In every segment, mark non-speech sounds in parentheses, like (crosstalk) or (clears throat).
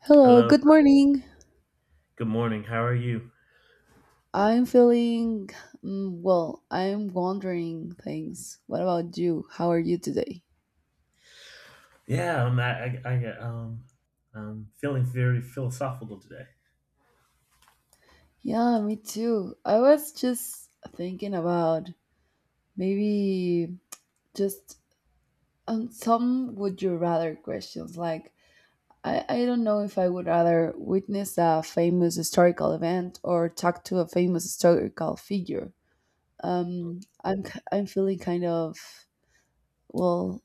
Hello, Hello. good morning. Good morning. How are you? I'm feeling well, I'm wondering things. What about you? How are you today? Yeah, I'm I'm feeling very philosophical today. Yeah, me too. I was just thinking about maybe just some would you rather questions. Like, I don't know if I would rather witness a famous historical event or talk to a famous historical figure. I'm feeling kind of, well,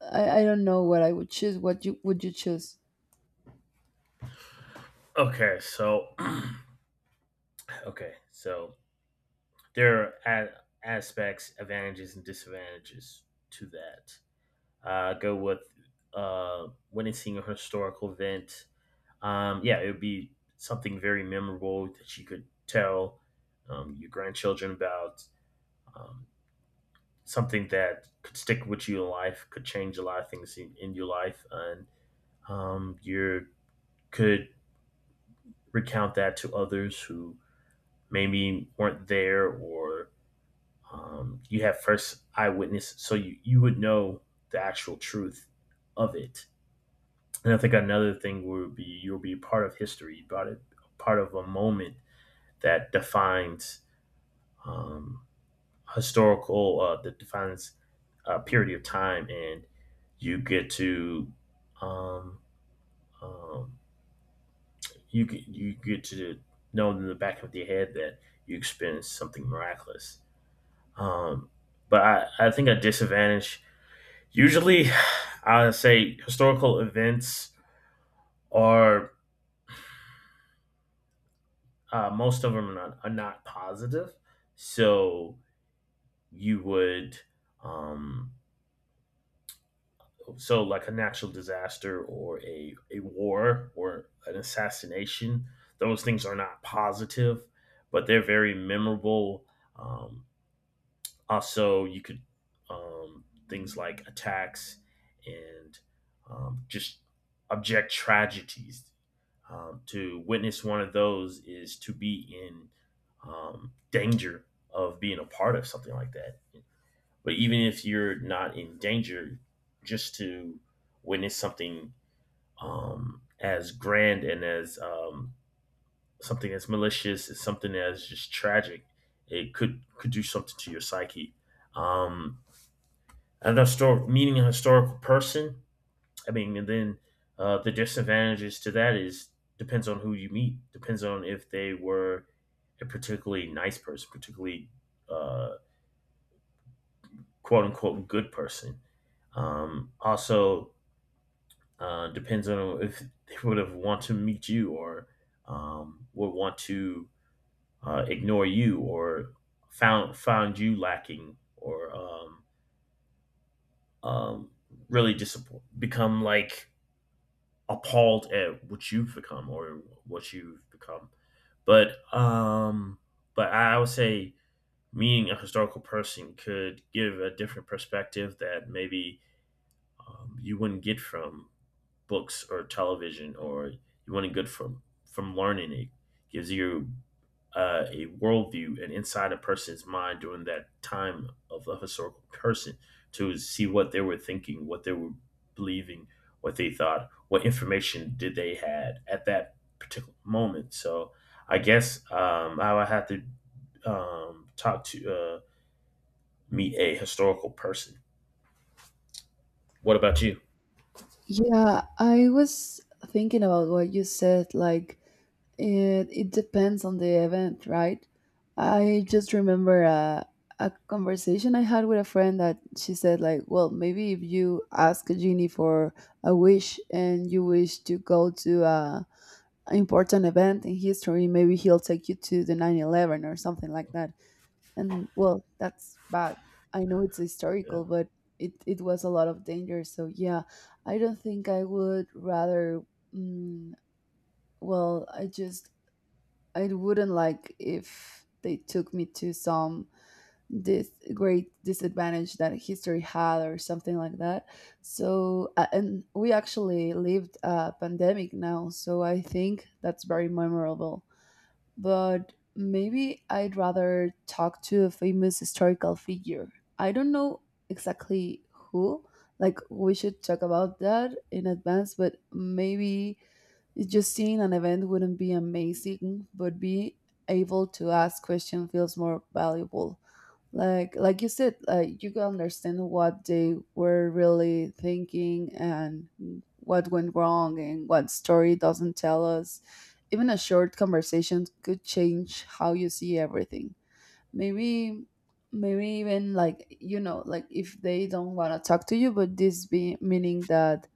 I don't know what I would choose. What you would you choose? Okay, so (clears throat) okay, so there are aspects, advantages and disadvantages to that. Go with witnessing a historical event. Yeah, it would be something very memorable that you could tell your grandchildren about. Um, Something that could stick with you in life, could change a lot of things in your life, and you could recount that to others who maybe weren't there, or you have first eyewitness, so you would know the actual truth of it. And I think another thing would be you'll be part of history, part of, a moment that defines um, historical, that defines period of time, and you get to um, um, you get to know in the back of your head that you experienced something miraculous. Um, but I think a disadvantage usually (laughs) I would say historical events are most of them are not, positive, so you would um, so, like a natural disaster or a war or an assassination. Those things are not positive, but they're very memorable. Um, Also, you could things like attacks and just object tragedies. To witness one of those is to be in danger of being a part of something like that. But even if you're not in danger, just to witness something as grand and as something as malicious as something as just tragic, it could do something to your psyche. Um, and historic meeting a historical person, I mean, and then the disadvantages to that is depends on who you meet, depends on if they were a particularly nice person, particularly uh, quote unquote good person. Also, depends on if (laughs) they would have want to meet you or would want to ignore you or found you lacking, or um, really disappoint become like appalled at what you've become or what you've become. But um, but I would say meeting a historical person could give a different perspective that maybe you wouldn't get from books or television, or you wouldn't get from learning. It gives you a worldview and inside a person's mind during that time of a historical person, to see what they were thinking, what they were believing, what they thought, what information did they had at that particular moment. So I guess I would have to talk to meet a historical person. What about you? Yeah, I was thinking about what you said. Like, it depends on the event, right? I just remember a conversation I had with a friend that she said, like, well, maybe if you ask a genie for a wish and you wish to go to an important event in history, maybe he'll take you to the 9/11 or something like that. And well, that's bad. I know it's historical, but it was a lot of danger, so yeah, I don't think I would rather. mm, well, I wouldn't like if they took me to some this great disadvantage that history had or something like that. So and we actually lived a pandemic now, so I think that's very memorable, but maybe I'd rather talk to a famous historical figure. I don't know exactly who. Like, we should talk about that in advance, but maybe it's just seeing an event wouldn't be amazing, but be able to ask questions feels more valuable. Like you said, like, you can understand what they were really thinking and what went wrong and what story doesn't tell us. Even a short conversation could change how you see everything. Maybe maybe even, like, like, if they don't want to talk to you, but this be meaning that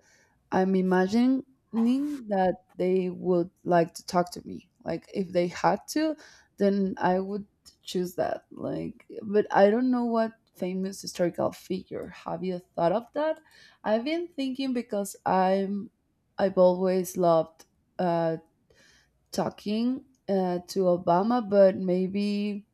I'm imagining that they would like to talk to me. Like, if they had to, then I would choose that. Like, but I don't know what famous historical figure. Have you thought of that? I've been thinking because I've always loved uh, talking to Obama, but maybe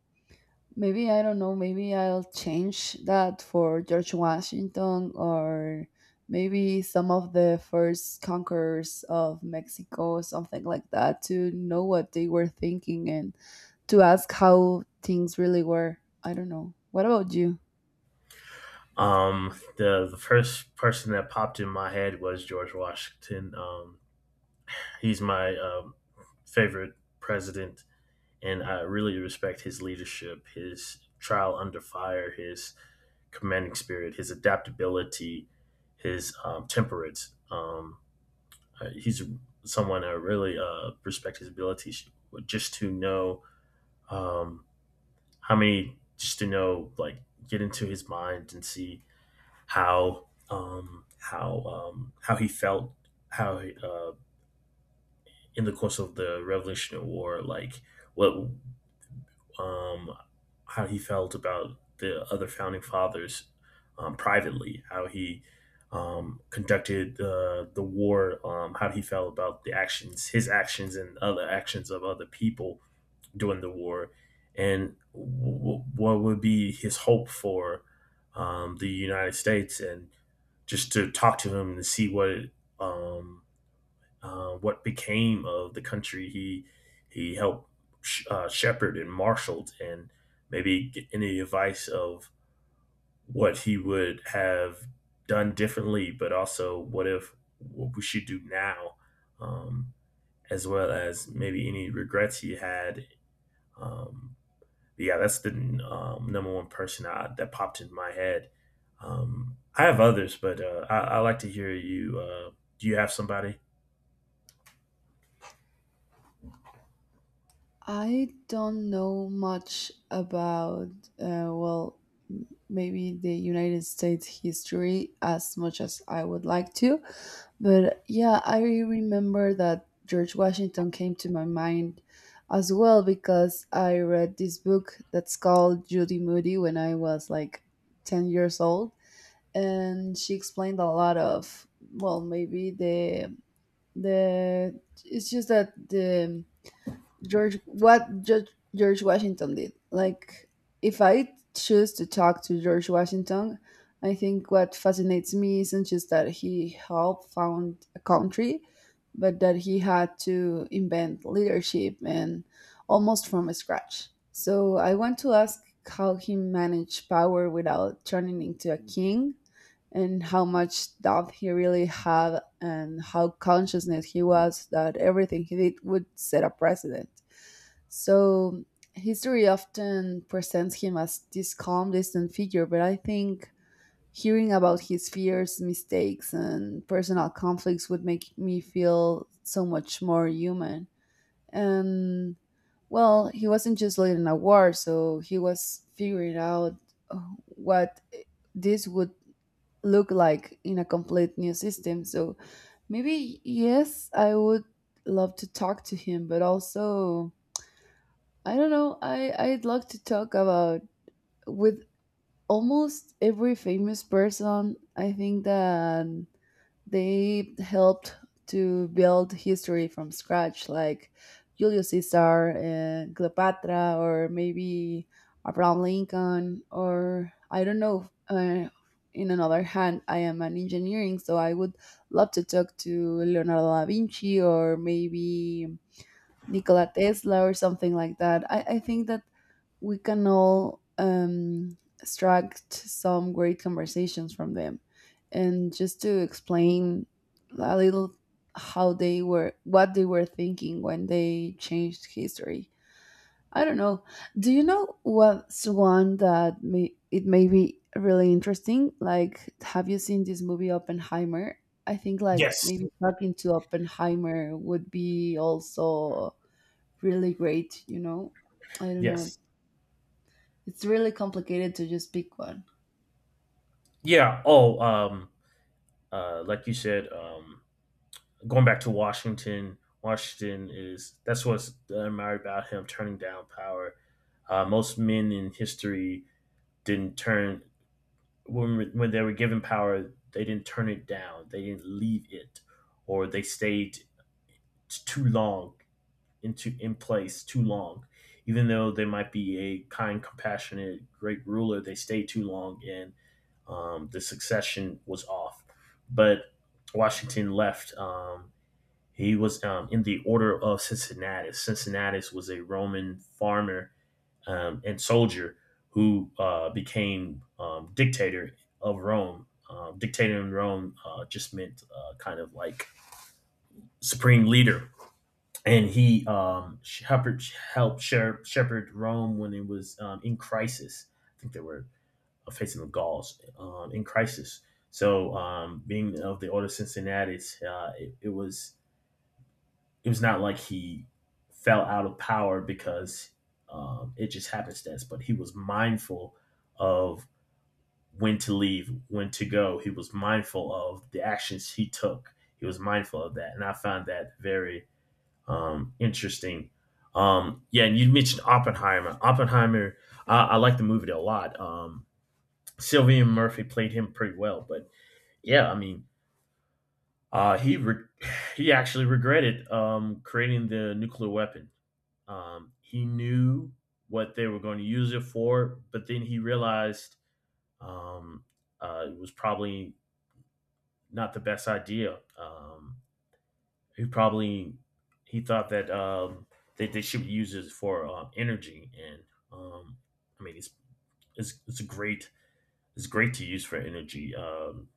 Maybe I don't know. Maybe I'll change that for George Washington, or maybe some of the first conquerors of Mexico, something like that, to know what they were thinking and to ask how things really were. I don't know. What about you? The first person that popped in my head was George Washington. He's my favorite president, and I really respect his leadership, his trial under fire, his commanding spirit, his adaptability, his temperance. He's someone I really respect his abilities, just to know um, how many, just to know, like, get into his mind and see how how he felt, how in the course of the Revolutionary War, like what um, how he felt about the other founding fathers privately, how he conducted the war, how he felt about the actions, his actions, and other actions of other people during the war, and what would be his hope for the United States, and just to talk to him and see um, what became of the country he helped shepherd and marshaled, and maybe get any advice of what he would have done differently, but also what if what we should do now, um, as well as maybe any regrets he had. um, but yeah, that's the number one person that popped into my head. I have others, but I like to hear you. Do you have somebody? I don't know much about, well, maybe the United States history as much as I would like to. But yeah, I remember that George Washington came to my mind as well because I read this book that's called Judy Moody when I was like 10 years old, and she explained a lot of, well, maybe the, it's just that the George, what George, George Washington did. Like, if I choose to talk to George Washington, I think what fascinates me isn't just that he helped found a country, but that he had to invent leadership and almost from scratch. So I want to ask how he managed power without turning into a king, and how much doubt he really had, and how consciousness he was that everything he did would set a precedent. So history often presents him as this calm, distant figure, but I think hearing about his fears, mistakes, and personal conflicts would make me feel so much more human. And well, he wasn't just late in a war, so he was figuring out what this would look like in a complete new system. So maybe yes, I would love to talk to him, but also I don't know. I'd like to talk about with almost every famous person. I think that they helped to build history from scratch, like Julius Caesar and Cleopatra, or maybe Abraham Lincoln, or I don't know. In another hand, I am an engineering, so I would love to talk to Leonardo da Vinci, or maybe Nikola Tesla or something like that. I think that we can all extract some great conversations from them. And just to explain a little how they were, what they were thinking when they changed history. I don't know. Do you know what's one that it may be really interesting? Like, have you seen this movie Oppenheimer? I think, like, Yes. maybe talking to Oppenheimer would be also really great, you know? I don't know. Yes. It's really complicated to just pick one. Yeah. Oh, like you said, going back to Washington. Washington is That's what's admired about him, turning down power. Most men in history didn't turn, when they were given power, they didn't turn it down. They didn't leave it, or they stayed too long into in place too long. Even though they might be a kind, compassionate, great ruler, they stayed too long and the succession was off. But Washington left. He was in the order of Cincinnatus. Cincinnatus was a Roman farmer and soldier who became dictator of Rome. Dictator in Rome just meant kind of like supreme leader, and he helped shepherd Rome when it was in crisis. I think they were facing the Gauls in crisis. So being of the Order of Cincinnatus, it was not like he fell out of power because it just happenstance, but he was mindful of when to leave, when to go. He was mindful of the actions he took. He was mindful of that, and I found that very interesting. Yeah, and you mentioned Oppenheimer. Oppenheimer, I like the movie a lot. Sylvian Murphy played him pretty well, but yeah, I mean, uh, he re- (sighs) he actually regretted creating the nuclear weapon. He knew what they were going to use it for, but then he realized um, it was probably not the best idea. He probably he thought that that they should use it for energy, and um, I mean it's it's great it's great to use for energy, um,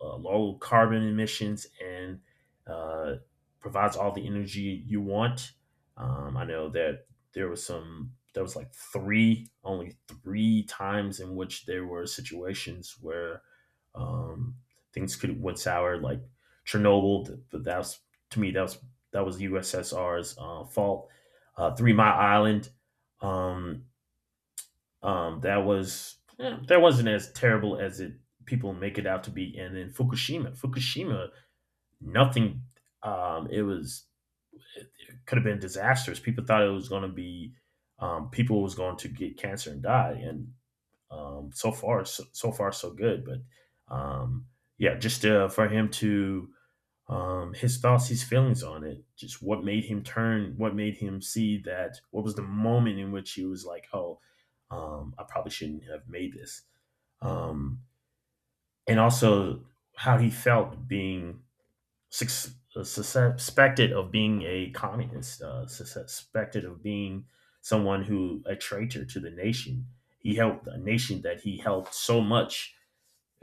uh, low carbon emissions, and uh, provides all the energy you want. I know that there was some, there was like three, only three times in which there were situations where um, things could went sour, like Chernobyl. But that was, to me, that was USSR's fault. Three Mile Island. Um, that was that wasn't as terrible as it people make it out to be. And then Fukushima, Fukushima, nothing. Um, it was it could have been disastrous. People thought it was going to be people was going to get cancer and die. And so far, so far so good. But yeah, just for him to his thoughts, his feelings on it, just what made him turn, what made him see that, what was the moment in which he was like, oh, I probably shouldn't have made this. Um, and also how he felt being suspected of being a communist, suspected of being someone who, a traitor to the nation. He helped a nation that he helped so much,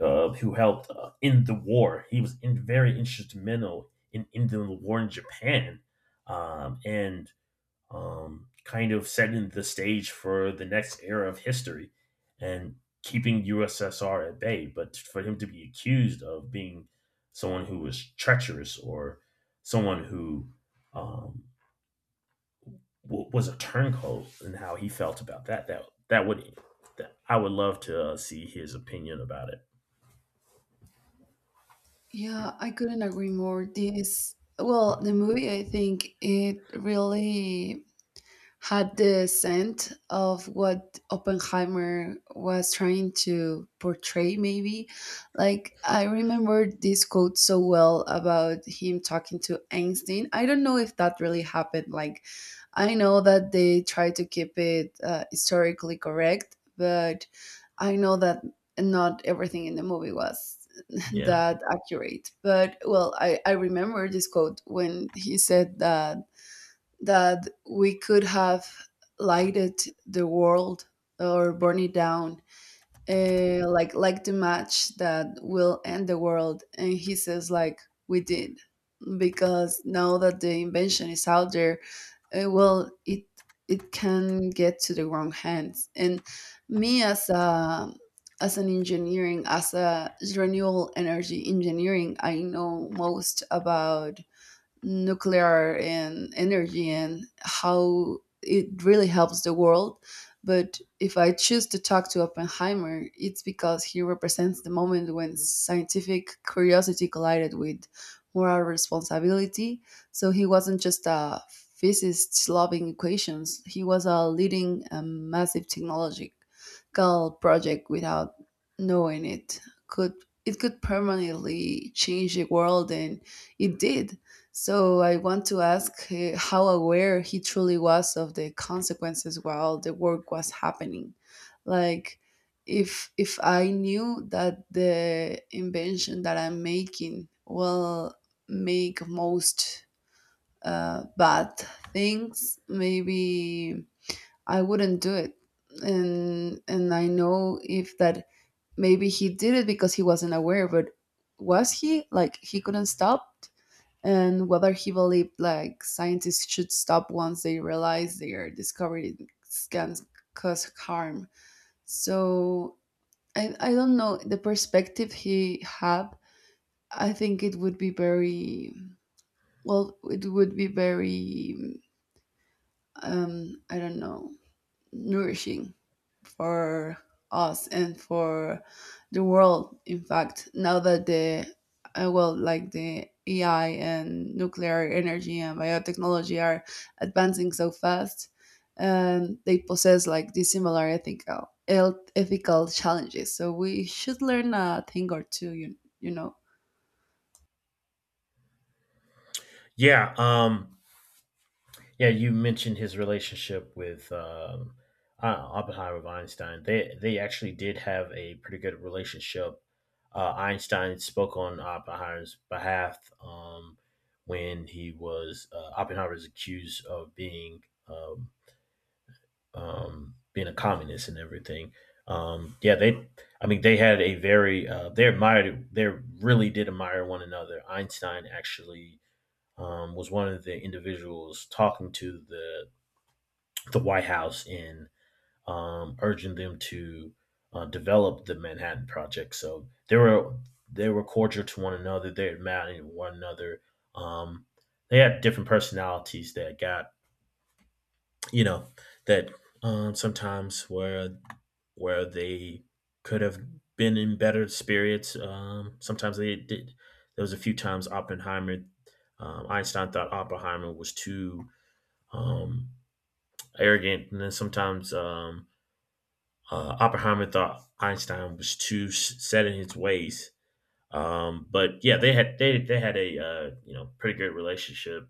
who helped end the war. He was very instrumental in ending the war in Japan, and kind of setting the stage for the next era of history and keeping USSR at bay. But for him to be accused of being someone who was treacherous, or someone who um, was a turncoat, and how he felt about that, that that would that I would love to see his opinion about it. Yeah, I couldn't agree more. This, well, the movie, I think it really had the scent of what Oppenheimer was trying to portray, maybe. Like, I remember this quote so well about him talking to Einstein. I don't know if that really happened. Like, I know that they try to keep it historically correct, but I know that not everything in the movie was (laughs) Yeah, that accurate. But well, I remember this quote when he said that we could have lighted the world or burn it down, like the match that will end the world, and he says, like, we did because now that the invention is out there, well, it can get to the wrong hands. And me as an engineering, as a renewable energy engineering, I know most about nuclear and energy and how it really helps the world. But if I choose to talk to Oppenheimer, it's because he represents the moment when scientific curiosity collided with moral responsibility. So he wasn't just a physicist loving equations, he was a leading a massive technological project without knowing it. Could it could permanently change the world, and it did. So I want to ask how aware he truly was of the consequences while the work was happening. Like, if I knew that the invention that I'm making will make most bad things, maybe I wouldn't do it. And I know if that, maybe he did it because he wasn't aware, but was he like he couldn't stop? And whether he believed, like, scientists should stop once they realize their discoveries can cause harm. So I don't know the perspective he had. I think it would be very well. It would be very I don't know, nourishing for us and for the world. In fact, now that the well, like, the AI and nuclear energy and biotechnology are advancing so fast, and they possess, like, these similar ethical ethical challenges. So we should learn a thing or two. You know. yeah. Yeah, you mentioned his relationship with Oppenheimer with Einstein. They actually did have a pretty good relationship. Einstein spoke on Oppenheimer's behalf when he was Oppenheimer was accused of being um, being a communist and everything. Yeah, they. I mean, they had a very they admired they really did admire one another. Einstein actually was one of the individuals talking to the White House, in urging them to develop the Manhattan Project. So they were cordial to one another. They admired one another. Um, they had different personalities that got, you know, that sometimes where they could have been in better spirits. Sometimes they did. There was a few times Oppenheimer, Einstein thought Oppenheimer was too um, arrogant, and then sometimes Oppenheimer thought Einstein was too set in his ways, but yeah, they had a you know, pretty good relationship.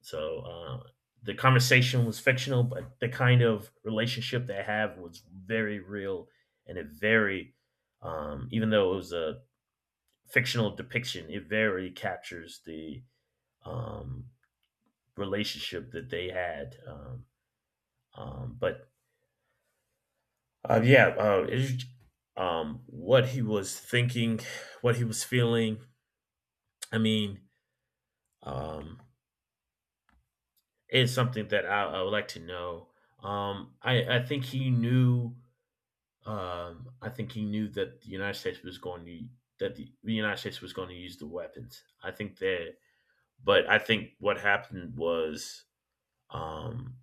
So the conversation was fictional, but the kind of relationship they have was very real, and it very, even though it was a fictional depiction, it very captures the um, relationship that they had. But Yeah, what he was thinking, what he was feeling. I mean, um, it's something that I would like to know. I think he knew. I think he knew that the United States was going to, the United States was going to use the weapons. I think that. But I think what happened was, um,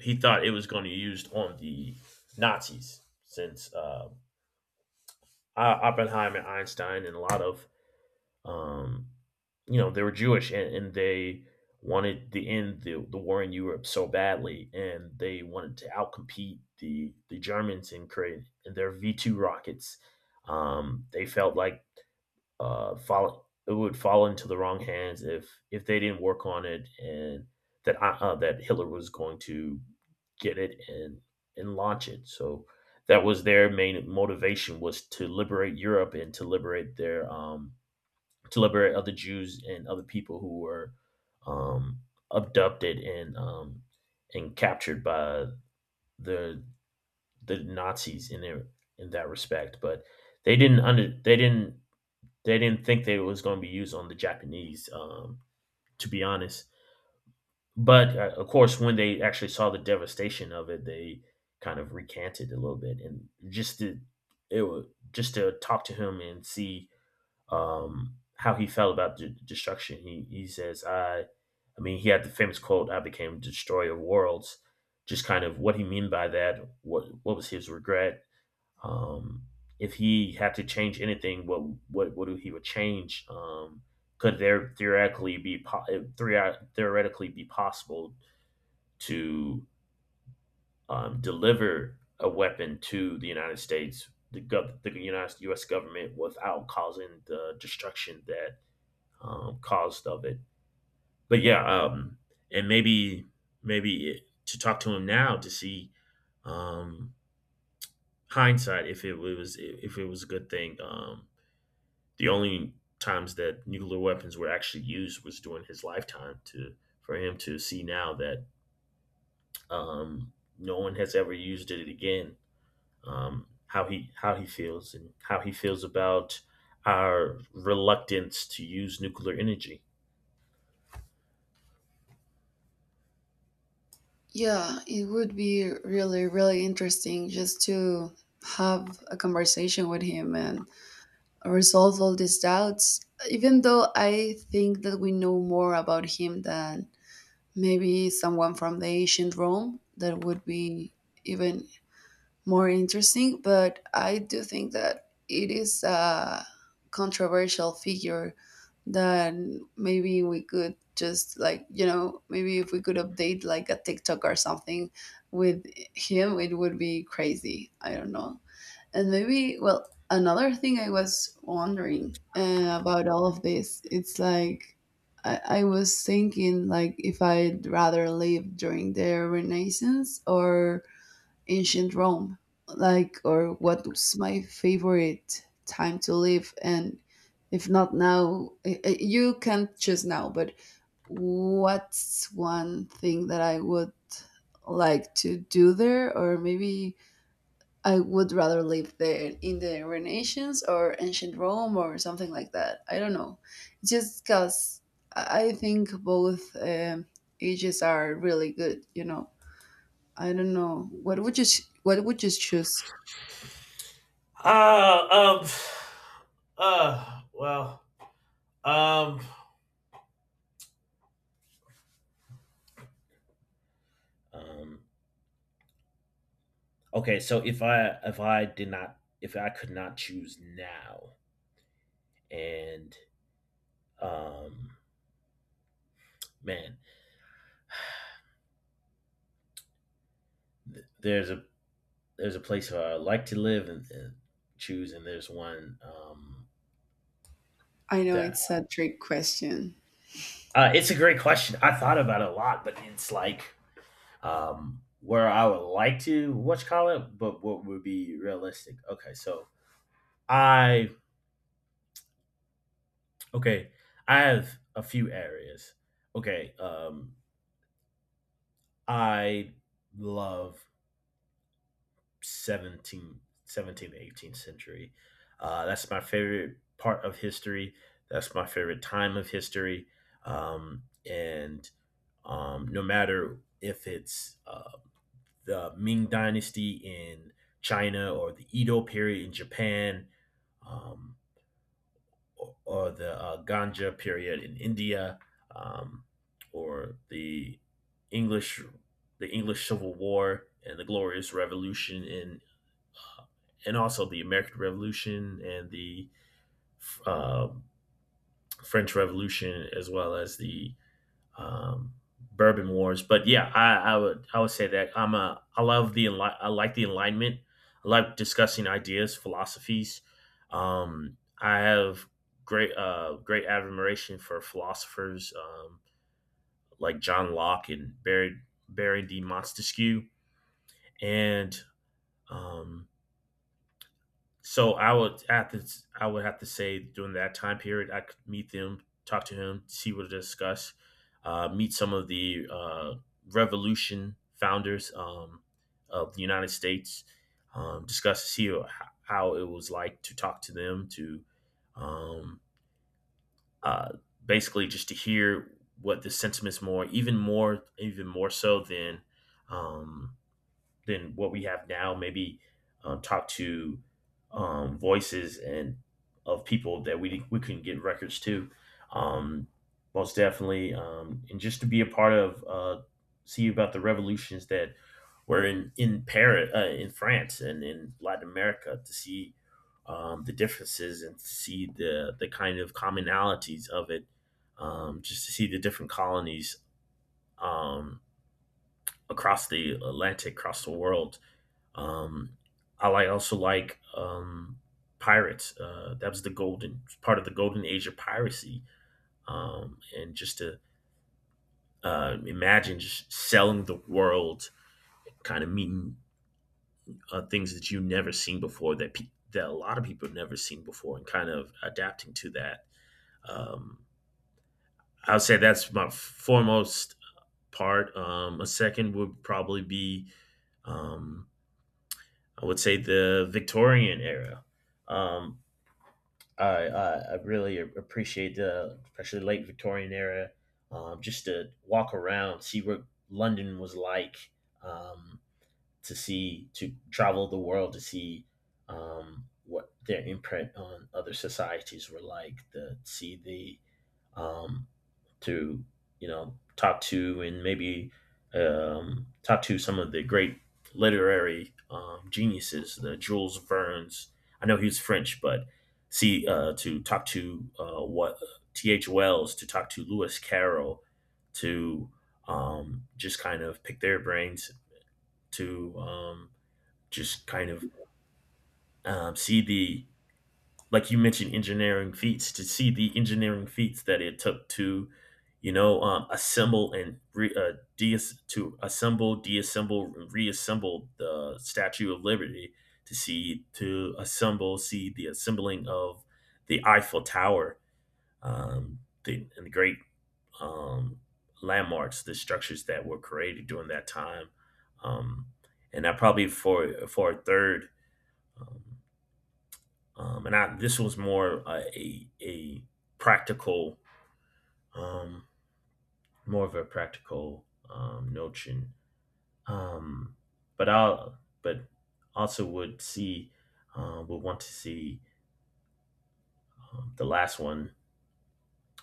he thought it was going to be used on the Nazis, since Oppenheimer, Einstein, and a lot of— um, they were Jewish, and they wanted the war in Europe so badly, and they wanted to outcompete the Germans and create in their V-2 rockets. They felt like it would fall into the wrong hands if they didn't work on it, and that that Hitler was going to get it and launch it. So that was their main motivation, was to liberate Europe and to liberate their— to liberate other Jews and other people who were um, abducted and captured by the the Nazis, in that respect. But they didn't under they didn't think that it was going to be used on the Japanese. To be honest. But of course, when they actually saw the devastation of it, they kind of recanted a little bit. And just to— it was— just to talk to him and see how he felt about destruction. He says— I mean, he had the famous quote, "I became destroyer of worlds." Just kind of what he mean by that. What was his regret? Um, if he had to change anything, what would he would change? Could there theoretically be possible to deliver a weapon to the United States, the, gov- the United U.S. government, without causing the destruction that caused of it. But yeah, and maybe— maybe it— to talk to him now to see um, hindsight, if it was— if it was a good thing. The only times that nuclear weapons were actually used was during his lifetime. To— for him to see now that um, no one has ever used it again. How he— how he feels and how he feels about our reluctance to use nuclear energy. Yeah, it would be really really interesting just to have a conversation with him and resolve all these doubts, even though I think that we know more about him than maybe someone from the ancient Rome that would be even more interesting. But I do think that it is a controversial figure that, maybe, we could just, like, maybe if we could update like a tiktok or something with him, it would be crazy. I don't know. And maybe, well, another thing I was wondering about all of this, it's like, I was thinking, like, if I'd rather live during the Renaissance or ancient Rome, like, or what was my favorite time to live, and if not now, you can't choose now, but what's one thing that I would like to do there, or maybe I would rather live there in the Renaissance or ancient Rome or something like that. I don't know. Just because I think both ages are really good. You know, I don't know. What would you choose? Uh, um, well, um, Um, okay, so if I could not choose now, and um, man, th- there's a there's a place where I like to live and choose, and there's one— I know that it's a trick question. It's a great question. I thought about it a lot, but it's like where I would like to— what you call it— but what would be realistic. Okay, so I— okay, I have a few areas. Okay, I love 17th, 18th century. That's my favorite part of history. That's my favorite time of history. And no matter if it's the Ming Dynasty in China, or the Edo period in Japan, um, or the Ganja period in India, um, or the English— the English Civil War and the Glorious Revolution in— uh, and also the American Revolution and the uh, French Revolution, as well as the um, Bourbon Wars. But yeah, I— I would say that I like the Enlightenment. I like discussing ideas, philosophies. I have great great admiration for philosophers like John Locke and Barry D. Montesquieu, and um, so I would have to— I would have to say during that time period I could meet them, talk to him, see what to discuss, meet some of the revolution founders of the United States, discuss— how it was like to talk to them, to um, uh, basically just to hear what the sentiments— more, even more, even more so um, than what we have now. Maybe talk to voices and of people that we couldn't get records to. Um, Most definitely. And just to be a part of, see about the revolutions that were in Paris, in France, and in Latin America. To see the differences and to see the kind of commonalities of it. Just to see the different colonies um, across the Atlantic, across the world, um, I like— also like pirates. That was the golden part of the golden age of piracy, and just to imagine just selling the world, kind of meeting things that you've never seen before, that a lot of people have never seen before, and kind of adapting to that. Um, I would say that's my foremost part. A second would probably be, um, I would say, the Victorian era. Um, I really appreciate— the especially late Victorian era, just to walk around, see what London was like, um, to see— to travel the world, to see what their imprint on other societies were like, to see the to talk to and maybe talk to some of the great literary geniuses, the Jules Verne's. I know he's French, but see— to talk to— what T. H. Wells, to talk to Lewis Carroll, to just kind of pick their brains, to just kind of see the— like you mentioned engineering feats, to see the engineering feats that it took to assemble and re, deas- to assemble deassemble, reassemble the Statue of Liberty, to see— to assemble see the assembling of the Eiffel Tower, and the great um, landmarks, the structures that were created during that time, um, and that probably for a third. um, and I— this was more a practical— um, more of a practical notion. Um, but also would see would want to see the last one.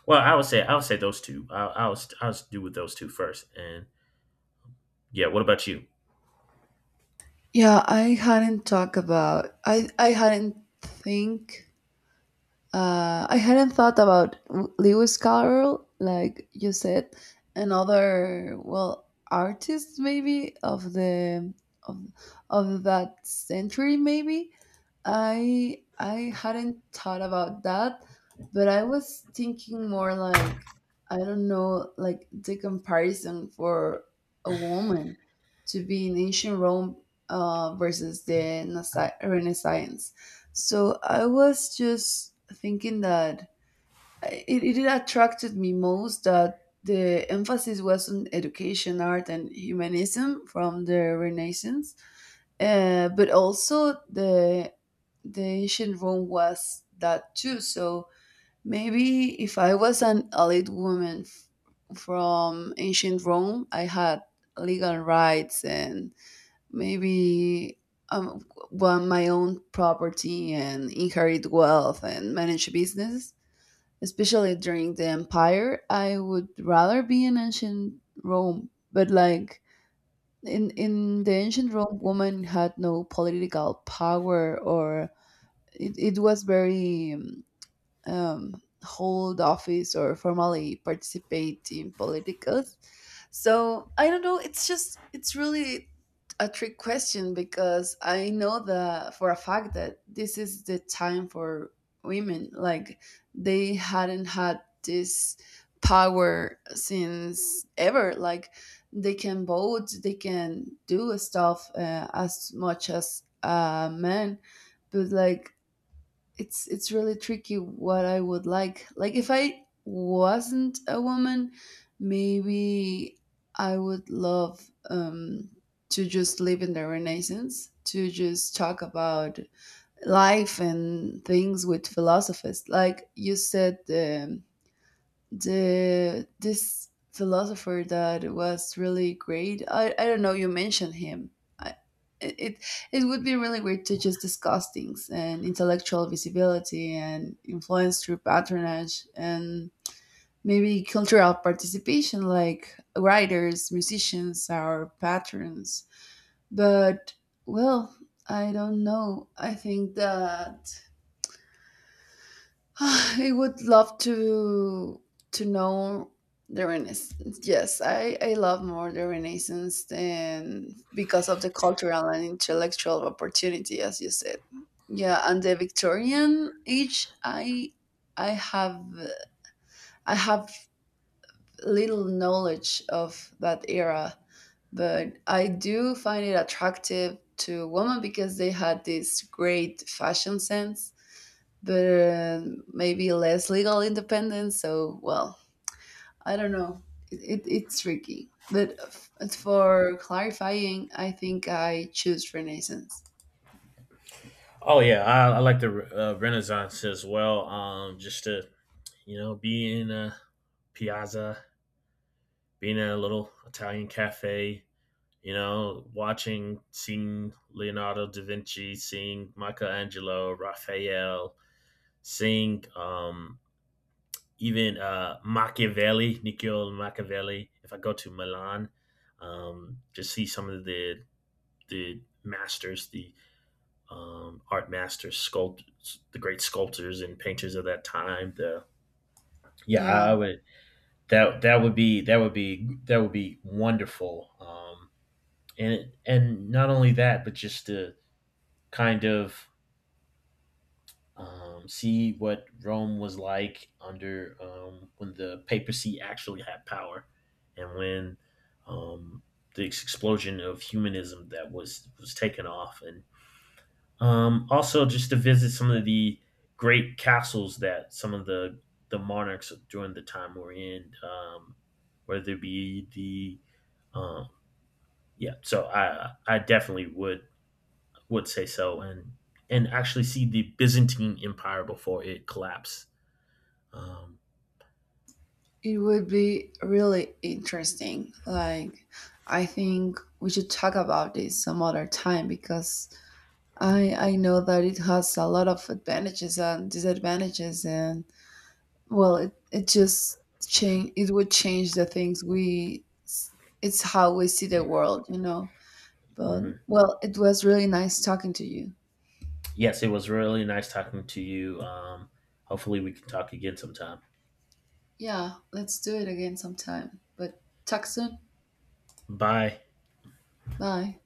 Well, I would say those two. I was do with those two first, and yeah. What about you? Yeah, I hadn't talked about. I hadn't think. I hadn't thought about Lewis Carroll, like you said, and other, well, artists maybe of the of of that century maybe. I hadn't thought about that, but I was thinking more like, I don't know, like the comparison for a woman to be in ancient Rome, versus the Renaissance. So I was just thinking that it attracted me most that the emphasis was on education, art, and humanism from the Renaissance, but also the ancient Rome was that too. So maybe if I was an elite woman from ancient Rome, I had legal rights, and maybe um, want my own property and inherit wealth and manage business. Especially during the empire, I would rather be in ancient Rome. But like, in the ancient Rome, women had no political power, or it was very um, hold office or formally participate in politics. So I don't know. It's just, it's really a trick question, because I know that for a fact that this is the time for women. Like, they hadn't had this power since ever. Like, they can vote, they can do stuff, as much as a man, but like, it's really tricky what I would like. Like, if I wasn't a woman, maybe I would love um to just live in the Renaissance, to just talk about life and things with philosophers. Like you said, the this philosopher that was really great. I don't know. You mentioned him. I, it it would be really great to just discuss things, and intellectual visibility and influence through patronage and maybe cultural participation, like writers, musicians, our patrons. But well, I don't know. I think that (sighs) I would love to know the Renaissance. Yes, I love more the Renaissance than because of the cultural and intellectual opportunity, as you said. Yeah, and the Victorian age, I have I have little knowledge of that era, but I do find it attractive to women because they had this great fashion sense, but maybe less legal independence. So, well, I don't know. It's tricky. But for clarifying, I think I choose Renaissance. Oh yeah, I— I like the Renaissance as well. Just to, be in a piazza, being in a little Italian cafe, watching, seeing Leonardo da Vinci, seeing Michelangelo, Raphael, seeing even Machiavelli, Niccolo Machiavelli. If I go to Milan, just see some of the— the masters, the art masters, sculpt— the great sculptors and painters of that time. The— yeah, I Yeah, would— that that would be that would be that would be wonderful. And— and not only that, but just to kind of see what Rome was like under— when the papacy actually had power, and when um, the explosion of humanism that was taken off, and also just to visit some of the great castles that some of the monarchs during the time were in, whether it be the— um, yeah. So I definitely would say so, and— and actually see the Byzantine Empire before it collapsed. Um, it would be really interesting. Like, I think we should talk about this some other time, because I know that it has a lot of advantages and disadvantages, and, well, it just change. It would change the things It's how we see the world. But mhm. well, it was really nice talking to you. Yes, it was really nice talking to you. Hopefully, we can talk again sometime. Yeah, let's do it again sometime. But talk soon. Bye. Bye.